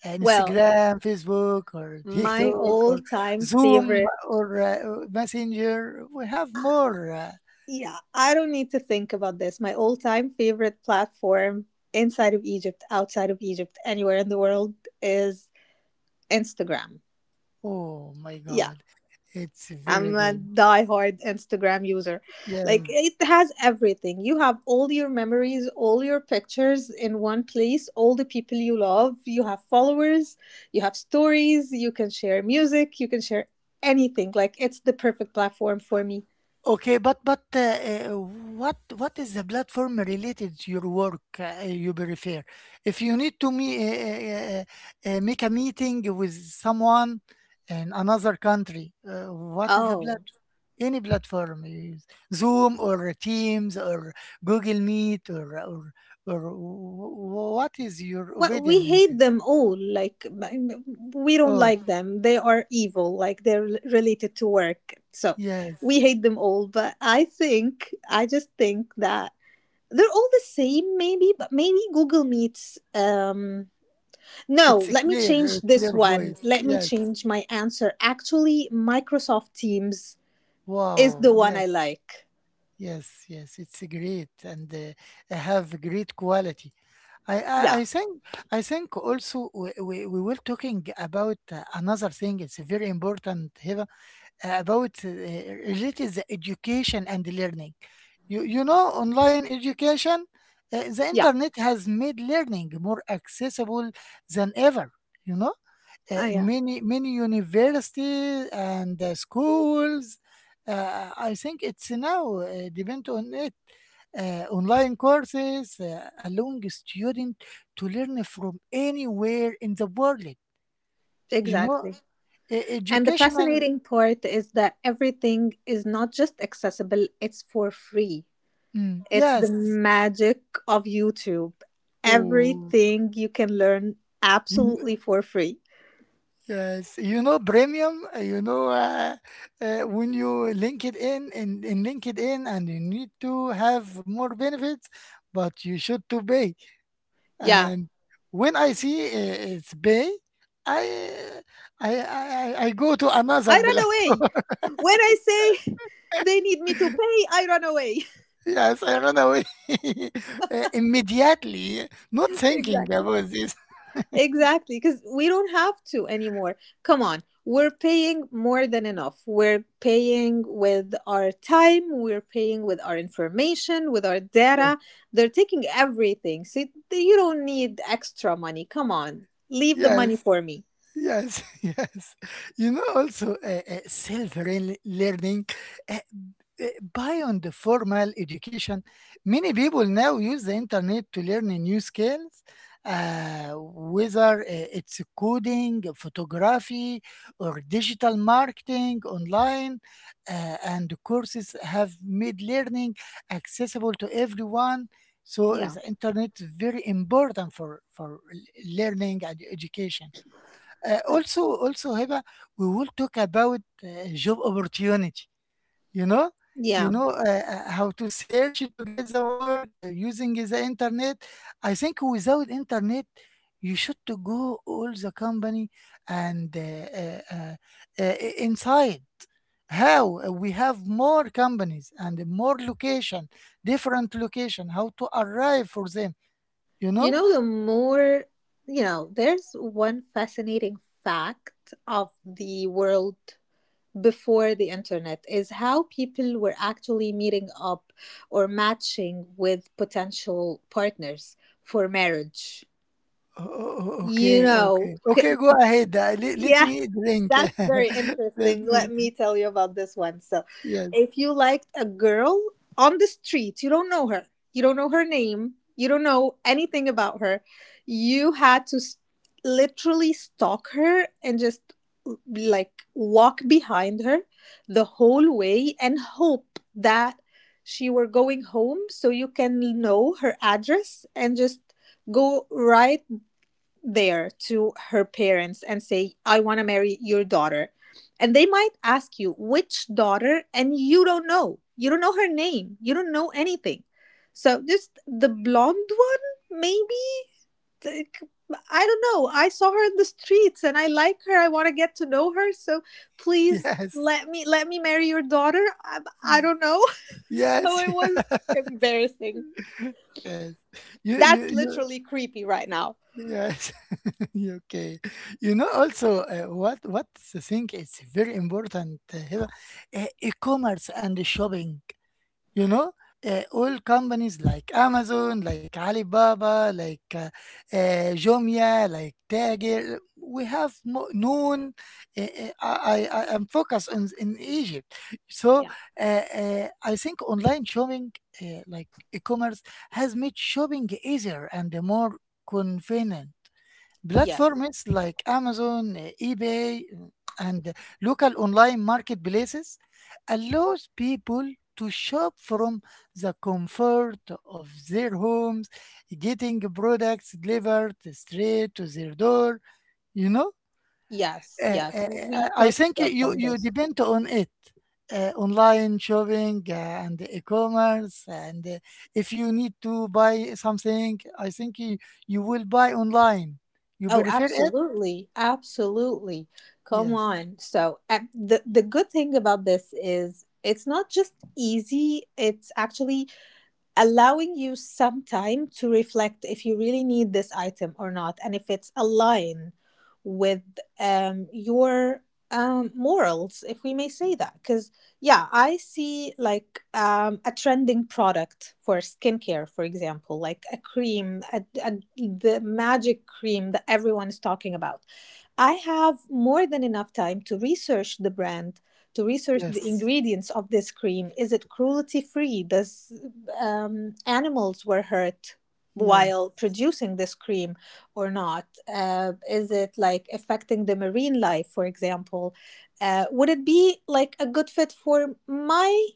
Speaker 2: Well,
Speaker 1: Instagram, Facebook, or
Speaker 2: my
Speaker 1: TikTok,
Speaker 2: all
Speaker 1: or
Speaker 2: time
Speaker 1: Zoom,
Speaker 2: favorite.
Speaker 1: or uh, Messenger. We have more. Uh,
Speaker 2: Yeah, I don't need to think about this. My all time favorite platform inside of Egypt, outside of Egypt, anywhere in the world is Instagram.
Speaker 1: oh my
Speaker 2: Yeah,
Speaker 1: God, it's very
Speaker 2: I'm a
Speaker 1: good.
Speaker 2: diehard Instagram user. Like
Speaker 1: Yes.
Speaker 2: it has everything. You have all your memories, all your pictures in one place, all the people you love. You have followers, you have stories, you can share music, you can share anything. Like it's the perfect platform for me.
Speaker 1: Okay, but what is the platform related to your work you prefer? If you need to me make a meeting with someone in another country, what is the
Speaker 2: Oh.
Speaker 1: platform? Any platform, you use Zoom or Teams or Google Meet or what is your
Speaker 2: Well,
Speaker 1: opinion
Speaker 2: we
Speaker 1: in
Speaker 2: hate
Speaker 1: this?
Speaker 2: them all. Like we don't
Speaker 1: Oh,
Speaker 2: like them. They are evil. Like they're related to work. So
Speaker 1: yes,
Speaker 2: we hate them all. But I think I just think that they're all the same maybe but maybe Google Meets, um, no,
Speaker 1: it's
Speaker 2: let me change
Speaker 1: a
Speaker 2: this
Speaker 1: clear
Speaker 2: one,
Speaker 1: voice.
Speaker 2: let me
Speaker 1: Yes.
Speaker 2: change my answer, actually, Microsoft Teams is the
Speaker 1: Wow.
Speaker 2: one
Speaker 1: Yes.
Speaker 2: I like.
Speaker 1: Yes, yes, it's great and have great quality.
Speaker 2: Yeah.
Speaker 1: I think also we were talking about another thing. It's very important here about related the education and learning. You know, online education, the
Speaker 2: Yeah.
Speaker 1: internet has made learning more accessible than ever. You know,
Speaker 2: Ah, yeah.
Speaker 1: many universities and schools. I think it's now depend on it. Online courses allowing a student to learn from anywhere in the world. You know,
Speaker 2: Exactly. And the
Speaker 1: educational.
Speaker 2: fascinating part is that everything is not just accessible, it's for free.
Speaker 1: Mm,
Speaker 2: It's the
Speaker 1: yes.
Speaker 2: magic of YouTube.
Speaker 1: Oh.
Speaker 2: Everything you can learn
Speaker 1: you-
Speaker 2: absolutely for free.
Speaker 1: Yes, you know premium. You know when you link it in LinkedIn, and you need to have more benefits, but you should to pay.
Speaker 2: Yeah.
Speaker 1: And when I see it's bay, I I go to
Speaker 2: I
Speaker 1: another
Speaker 2: run away.
Speaker 1: platform.
Speaker 2: When I say they need me to pay, I run away.
Speaker 1: Yes, I run away. Immediately, not thinking
Speaker 2: Exactly.
Speaker 1: about this.
Speaker 2: Exactly. Because we don't have to anymore. Come on. We're paying more than enough. We're paying with our time. We're paying with our information, with our
Speaker 1: Yes,
Speaker 2: data. They're taking everything. See, you don't need extra money. Come on. Leave the money
Speaker 1: yes,
Speaker 2: for me.
Speaker 1: yes, yes. You know, also self-learning, uh, uh, beyond the formal education, many people now use the internet to learn new skills, whether it's coding, photography, or digital marketing online. And courses have made learning accessible to everyone. So
Speaker 2: Yeah.
Speaker 1: the internet is very important for learning and education. Also, also, Hiba, we will talk about job opportunity. You know, you
Speaker 2: Yeah.
Speaker 1: know how to search to get the work using the internet. I think without internet, you should to go all the company and inside. How we have more companies and more location, different location. How to arrive for them? You know.
Speaker 2: You know, the more, you know, there's one fascinating fact of the world before the internet is how people were actually meeting up or matching with potential partners for marriage.
Speaker 1: Oh,
Speaker 2: You
Speaker 1: okay,
Speaker 2: know,
Speaker 1: okay. Okay, go ahead, le let
Speaker 2: yeah,
Speaker 1: me drink.
Speaker 2: that's very
Speaker 1: Let
Speaker 2: interesting.
Speaker 1: me
Speaker 2: Let me tell you about this one. So,
Speaker 1: yes,
Speaker 2: if you liked a girl on the street, you don't know her, you don't know her name, you don't know anything about her, you had to literally stalk her and just like walk behind her the whole way and hope that she were going home so you can know her address and just go right there to her parents and say, I want to marry your daughter. And they might ask you, which daughter? And you don't know. You don't know her name. You don't know anything. So just the blonde one, maybe? Like, I don't know. I saw her in the streets and I like her. I want to get to know her. So please
Speaker 1: yes,
Speaker 2: let me marry your daughter. I
Speaker 1: ye
Speaker 2: don't know. So
Speaker 1: yes,
Speaker 2: it was embarrassing.
Speaker 1: yes. You you
Speaker 2: That's
Speaker 1: you
Speaker 2: literally creepy right now.
Speaker 1: yes, okay. You know, also, what what's the thing is very important, here, e-commerce and shopping. You know, all companies like Amazon, like Alibaba, like Jumia, like Tagir, we have mo- known. I am focused on, in Egypt. So
Speaker 2: Yeah.
Speaker 1: uh, I think online shopping, like e commerce, has made shopping easier and more convenient.
Speaker 2: Yeah.
Speaker 1: Platforms like Amazon, eBay, and local online marketplaces allows people to shop from the comfort of their homes, getting products delivered straight to their door. You know,
Speaker 2: Yes,
Speaker 1: Uh,
Speaker 2: yes,
Speaker 1: uh,
Speaker 2: we
Speaker 1: I
Speaker 2: touched
Speaker 1: think you
Speaker 2: upon
Speaker 1: you
Speaker 2: this.
Speaker 1: depend on it. Online shopping and e-commerce and if you need to buy something I think you, you will buy online you
Speaker 2: Oh,
Speaker 1: prefer it.
Speaker 2: absolutely, absolutely. Come
Speaker 1: Yes.
Speaker 2: on. So, the good thing about this is it's not just easy, it's actually allowing you some time to reflect if you really need this item or not and if it's aligned with your morals if we may say that because yeah I see like a trending product for skincare for example like a cream the magic cream that everyone is talking about. I have more than enough time to research the brand, to research the
Speaker 1: Yes.
Speaker 2: ingredients of this cream. Is it cruelty free? Does animals were hurt while
Speaker 1: Yes.
Speaker 2: producing this cream or not? Is it like affecting the marine life, for example? Would it be like a good fit for my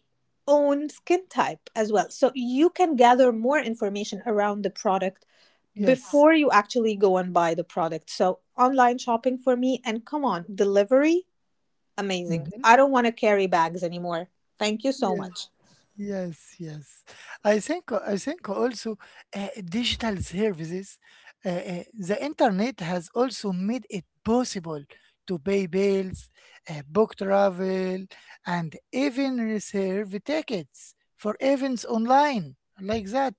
Speaker 2: own skin type as well? So you can gather more information around the product
Speaker 1: Yes.
Speaker 2: before you actually go and buy the product. So online shopping for me and come on, delivery, amazing.
Speaker 1: Mhm.
Speaker 2: I don't want to carry bags anymore. Thank you so
Speaker 1: Yeah.
Speaker 2: much.
Speaker 1: Yes, yes. I think also digital services, the internet has also made it possible to pay bills, book travel, and even reserve tickets for events online like that.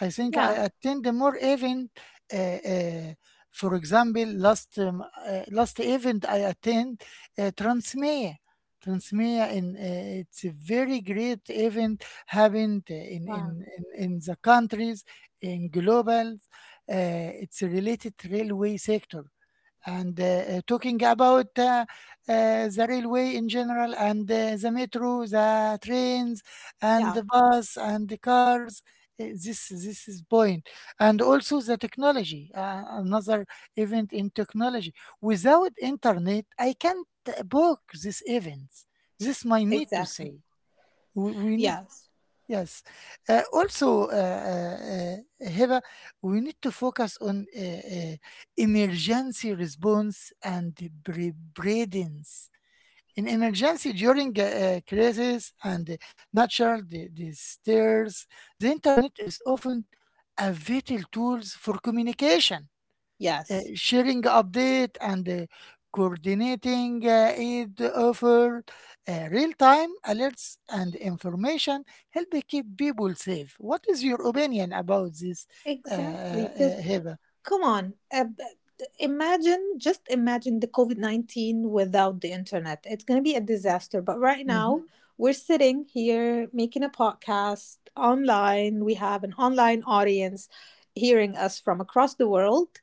Speaker 1: I think I
Speaker 2: Yeah.
Speaker 1: attend more event. Uh, uh, for example, last last event I attend Transmedia. Transmea and it's a very great event happened in
Speaker 2: Wow.
Speaker 1: in in, in the countries in global. It's related railway sector and talking about the railway in general and the metro the trains and
Speaker 2: Yeah,
Speaker 1: the bus and the cars, this is point and also the technology, another event in technology without internet I can't book these events this my need to say
Speaker 2: exactly.
Speaker 1: we need.
Speaker 2: Yes.
Speaker 1: Yes. Also, Hiba, we need to focus on emergency response and preparedness. In emergency, during a crisis and natural disasters, the internet is often a vital tool for communication,
Speaker 2: Yes.
Speaker 1: sharing update and coordinating aid offer, real-time alerts and information help keep people safe. What is your opinion about this,
Speaker 2: Exactly. Because
Speaker 1: Heba?
Speaker 2: come on. Imagine, just imagine the COVID 19 without the internet. It's going to be a disaster. But right now,
Speaker 1: Hmm.
Speaker 2: we're sitting here making a podcast online. We have an online audience hearing us from across the world.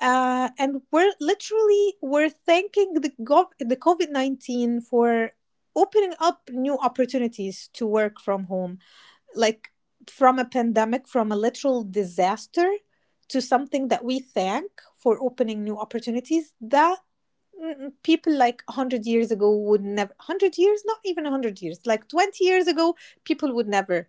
Speaker 2: And we're literally we're thanking the the COVID 19 for opening up new opportunities to work from home like from a pandemic, from a literal disaster to something that we thank for opening new opportunities that mm, people like 100 years ago would never, 100 years, not even 100 years, like 20 years ago people would never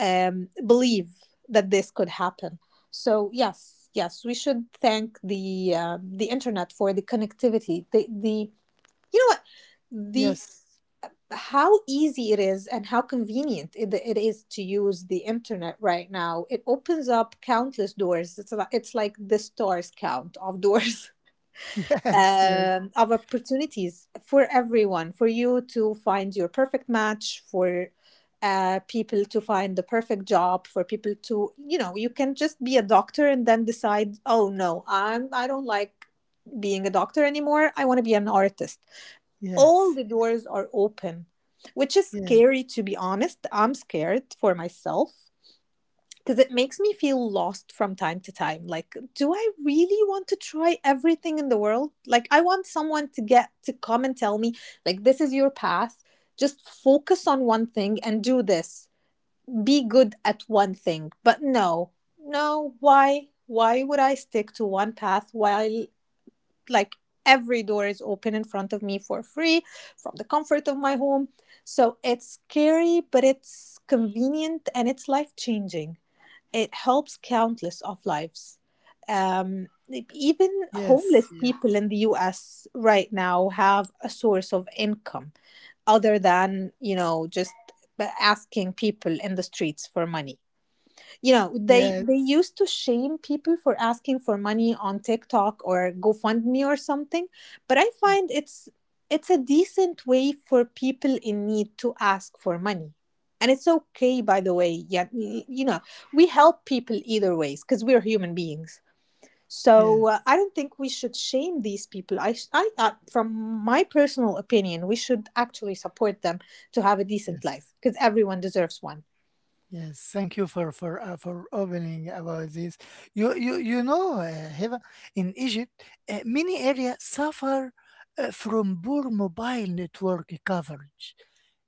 Speaker 2: believe that this could happen. So yes, yes, we should thank the internet for the connectivity, the, you know what, the
Speaker 1: Yes,
Speaker 2: how easy it is and how convenient it is to use the internet right now. It opens up countless doors. It's like the stars count of doors.
Speaker 1: yes, yes,
Speaker 2: Of opportunities for everyone, for you to find your perfect match, for people to find the perfect job, for people to, you know, you can just be a doctor and then decide, oh no, I don't like being a doctor anymore. I want to be an artist. All
Speaker 1: yes,
Speaker 2: the doors are open, which is
Speaker 1: yes,
Speaker 2: scary, to be honest. I'm scared for myself because it makes me feel lost from time to time. Like, do I really want to try everything in the world? Like, I want someone to get to come and tell me, like, this is your path. Just focus on one thing and do this. Be good at one thing. But no, no, why? Why would I stick to one path while, like, every door is open in front of me for free from the comfort of my home. So it's scary, but it's convenient and it's life changing. It helps countless of lives. Um, Even homeless
Speaker 1: yes, yes,
Speaker 2: people in the US right now have a source of income other than, you know, just asking people in the streets for money. You know, they
Speaker 1: yes,
Speaker 2: used to shame people for asking for money on TikTok or GoFundMe or something, but I find it's a decent way for people in need to ask for money. And it's okay, by the way. Yeah, you know, we help people either ways because we're human beings.
Speaker 1: yes,
Speaker 2: So I don't think we should shame these people. I, sh- I From my personal opinion, we should actually support them to have a decent life
Speaker 1: yes.
Speaker 2: because everyone deserves one.
Speaker 1: Yes, thank you for opening about this. You know, Heva, in Egypt, many areas suffer from poor mobile network coverage.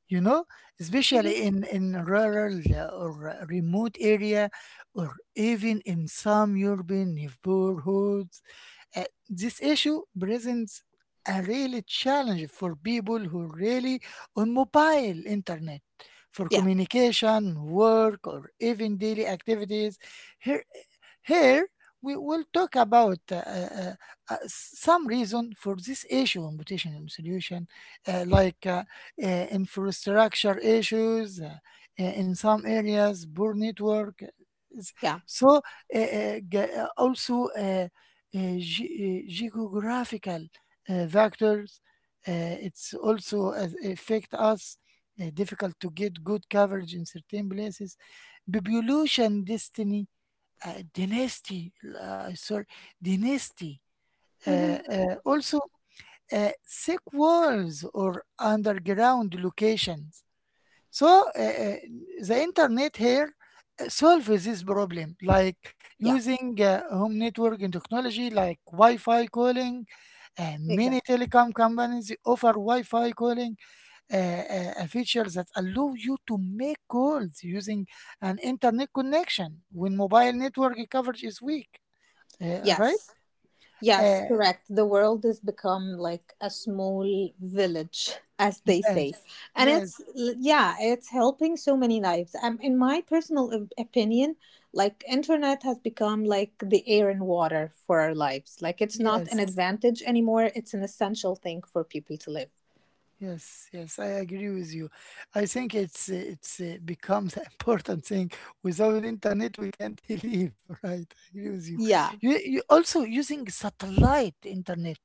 Speaker 1: You know,
Speaker 2: Mhm.
Speaker 1: especially in rural or remote area, or even in some urban neighborhoods. This issue presents a real challenge for people who rely on mobile internet for
Speaker 2: Yeah.
Speaker 1: communication, work, or even daily activities. Here here, we will talk about some reason for this issue in potential solution, like infrastructure issues in some areas, poor network.
Speaker 2: Yeah.
Speaker 1: So, ge- also ge- geographical factors. It's also as affect us. Difficult to get good coverage in certain places. Population destiny dynasty, sorry, dynasty.
Speaker 2: Hmm.
Speaker 1: Also, thick walls or underground locations. So the internet here solves this problem, like
Speaker 2: Yeah.
Speaker 1: using home networking technology, like Wi-Fi calling. Many
Speaker 2: Exactly.
Speaker 1: telecom companies offer Wi-Fi calling, a feature that allow you to make calls using an internet connection when mobile network coverage is weak. Right?
Speaker 2: Yes.
Speaker 1: Uh,
Speaker 2: Yes, correct. The world has become like a small village, as they
Speaker 1: yes,
Speaker 2: say. And
Speaker 1: yes,
Speaker 2: it's, yeah, it's helping so many lives. In my personal opinion, like, internet has become like the air and water for our lives. Like, it's not an
Speaker 1: yes,
Speaker 2: advantage anymore. It's an essential thing for people to live.
Speaker 1: yes, yes. I agree with you. I think it's becomes an important thing. Without internet, we can't live. Right? I agree with you.
Speaker 2: Yeah.
Speaker 1: You also using satellite internet.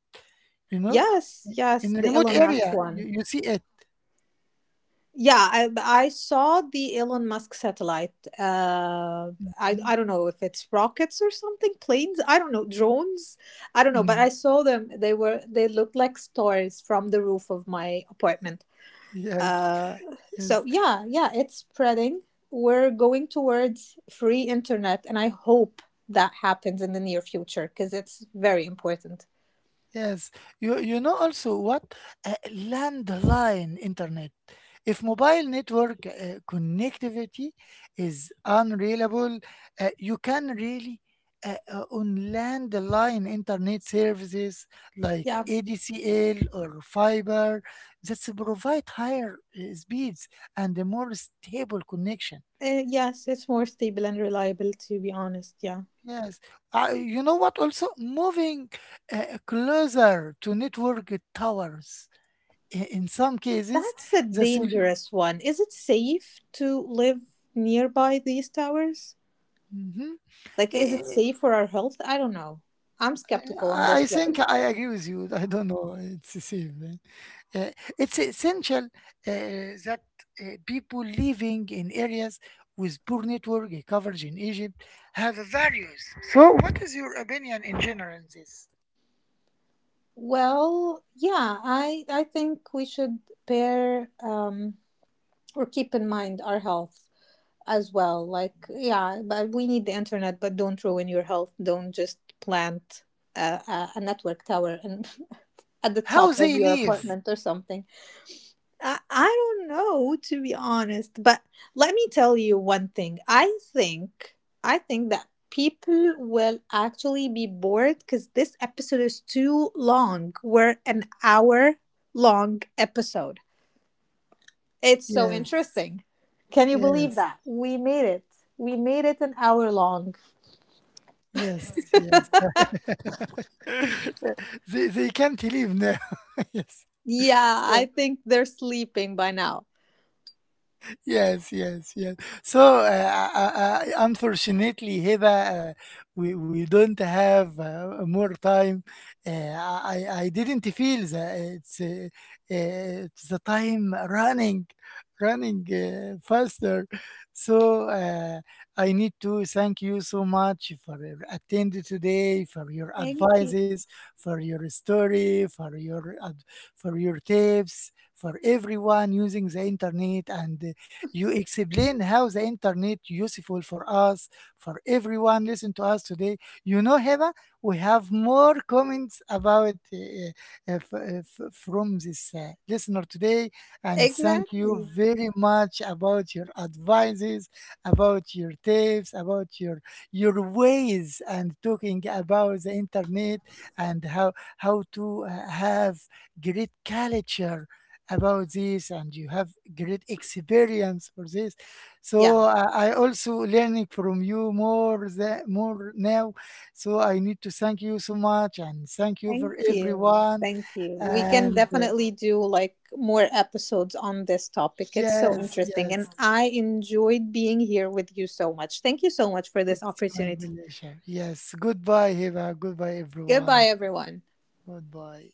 Speaker 1: You know,
Speaker 2: Yes. Yes.
Speaker 1: in a
Speaker 2: The
Speaker 1: remote
Speaker 2: Elon Musk
Speaker 1: area, you,
Speaker 2: one.
Speaker 1: you see it.
Speaker 2: Yeah, I saw the Elon Musk satellite. I
Speaker 1: Mhm,
Speaker 2: don't know if it's rockets or something, planes. I don't know, drones. I don't know, but I
Speaker 1: mhm.
Speaker 2: saw them. They looked like stars from the roof of my apartment.
Speaker 1: Yes,
Speaker 2: Uh, so
Speaker 1: yes.
Speaker 2: yeah, yeah, it's spreading. We're going towards free internet, and I hope that happens in the near future because it's very important.
Speaker 1: Yes, you know also what? Landline internet. If mobile network connectivity is unreliable, you can really on landline internet services like
Speaker 2: Yeah,
Speaker 1: ADSL or fiber that provide higher speeds and a more stable connection.
Speaker 2: yes, it's more stable and reliable. To be honest, yeah.
Speaker 1: Yes, you know what? Also, moving closer to network towers. I in some cases,
Speaker 2: That's a
Speaker 1: the sol
Speaker 2: dangerous one. Is it safe to live nearby these towers?
Speaker 1: mhm.
Speaker 2: Like, is it
Speaker 1: I
Speaker 2: safe for our health? I don't know. I'm skeptical on
Speaker 1: I
Speaker 2: this
Speaker 1: think
Speaker 2: one.
Speaker 1: I agree with you. I don't know. It's the same. Eh. Uh, it's essential that people living in areas with poor network coverage in Egypt have values. So, what is your opinion in general on this?
Speaker 2: Well, yeah, I think we should pair or keep in mind our health as well. Like, yeah, but we need the internet, but don't ruin your health. Don't just plant a network tower and at the
Speaker 1: How
Speaker 2: top of
Speaker 1: they
Speaker 2: your
Speaker 1: live?
Speaker 2: apartment or something. I don't know, to be honest, but let me tell you one thing. I think that people will actually be bored because this episode is too long. We're an hour long episode. It's so
Speaker 1: Yes,
Speaker 2: interesting. Can you believe
Speaker 1: yes,
Speaker 2: that? We made it. We made it an hour long.
Speaker 1: yes, yes. They can't live now. Yes.
Speaker 2: Yeah, I
Speaker 1: So.
Speaker 2: think they're sleeping by now.
Speaker 1: Yes, yes, yes. So, unfortunately, Hiba, we don't have more time. I didn't feel that it's the time running, running faster. So, I need to thank you so much for your attending today, for your
Speaker 2: Thank you.
Speaker 1: advices, for your story, for your for your tips, for everyone using the internet and you explain how the internet useful for us, for everyone listen to us today. You know, Heba, we have more comments about from this listener today, and thank you
Speaker 2: Exactly.
Speaker 1: very much about your advices, about your tips, about your ways, and talking about the internet and how to have great culture about this and you have great experience for this
Speaker 2: Yeah.
Speaker 1: so I also learning from you more than, more now so I need to thank you so much and thank you
Speaker 2: Thank
Speaker 1: for
Speaker 2: you.
Speaker 1: everyone
Speaker 2: Thank you. We can
Speaker 1: and
Speaker 2: definitely do like more episodes on this topic. It's so
Speaker 1: yes
Speaker 2: interesting. And
Speaker 1: yes
Speaker 2: I enjoyed being here with you so much. Thank you so much for this
Speaker 1: it's my
Speaker 2: opportunity.
Speaker 1: pleasure yes goodbye Hiba goodbye everyone
Speaker 2: Goodbye, everyone.
Speaker 1: goodbye.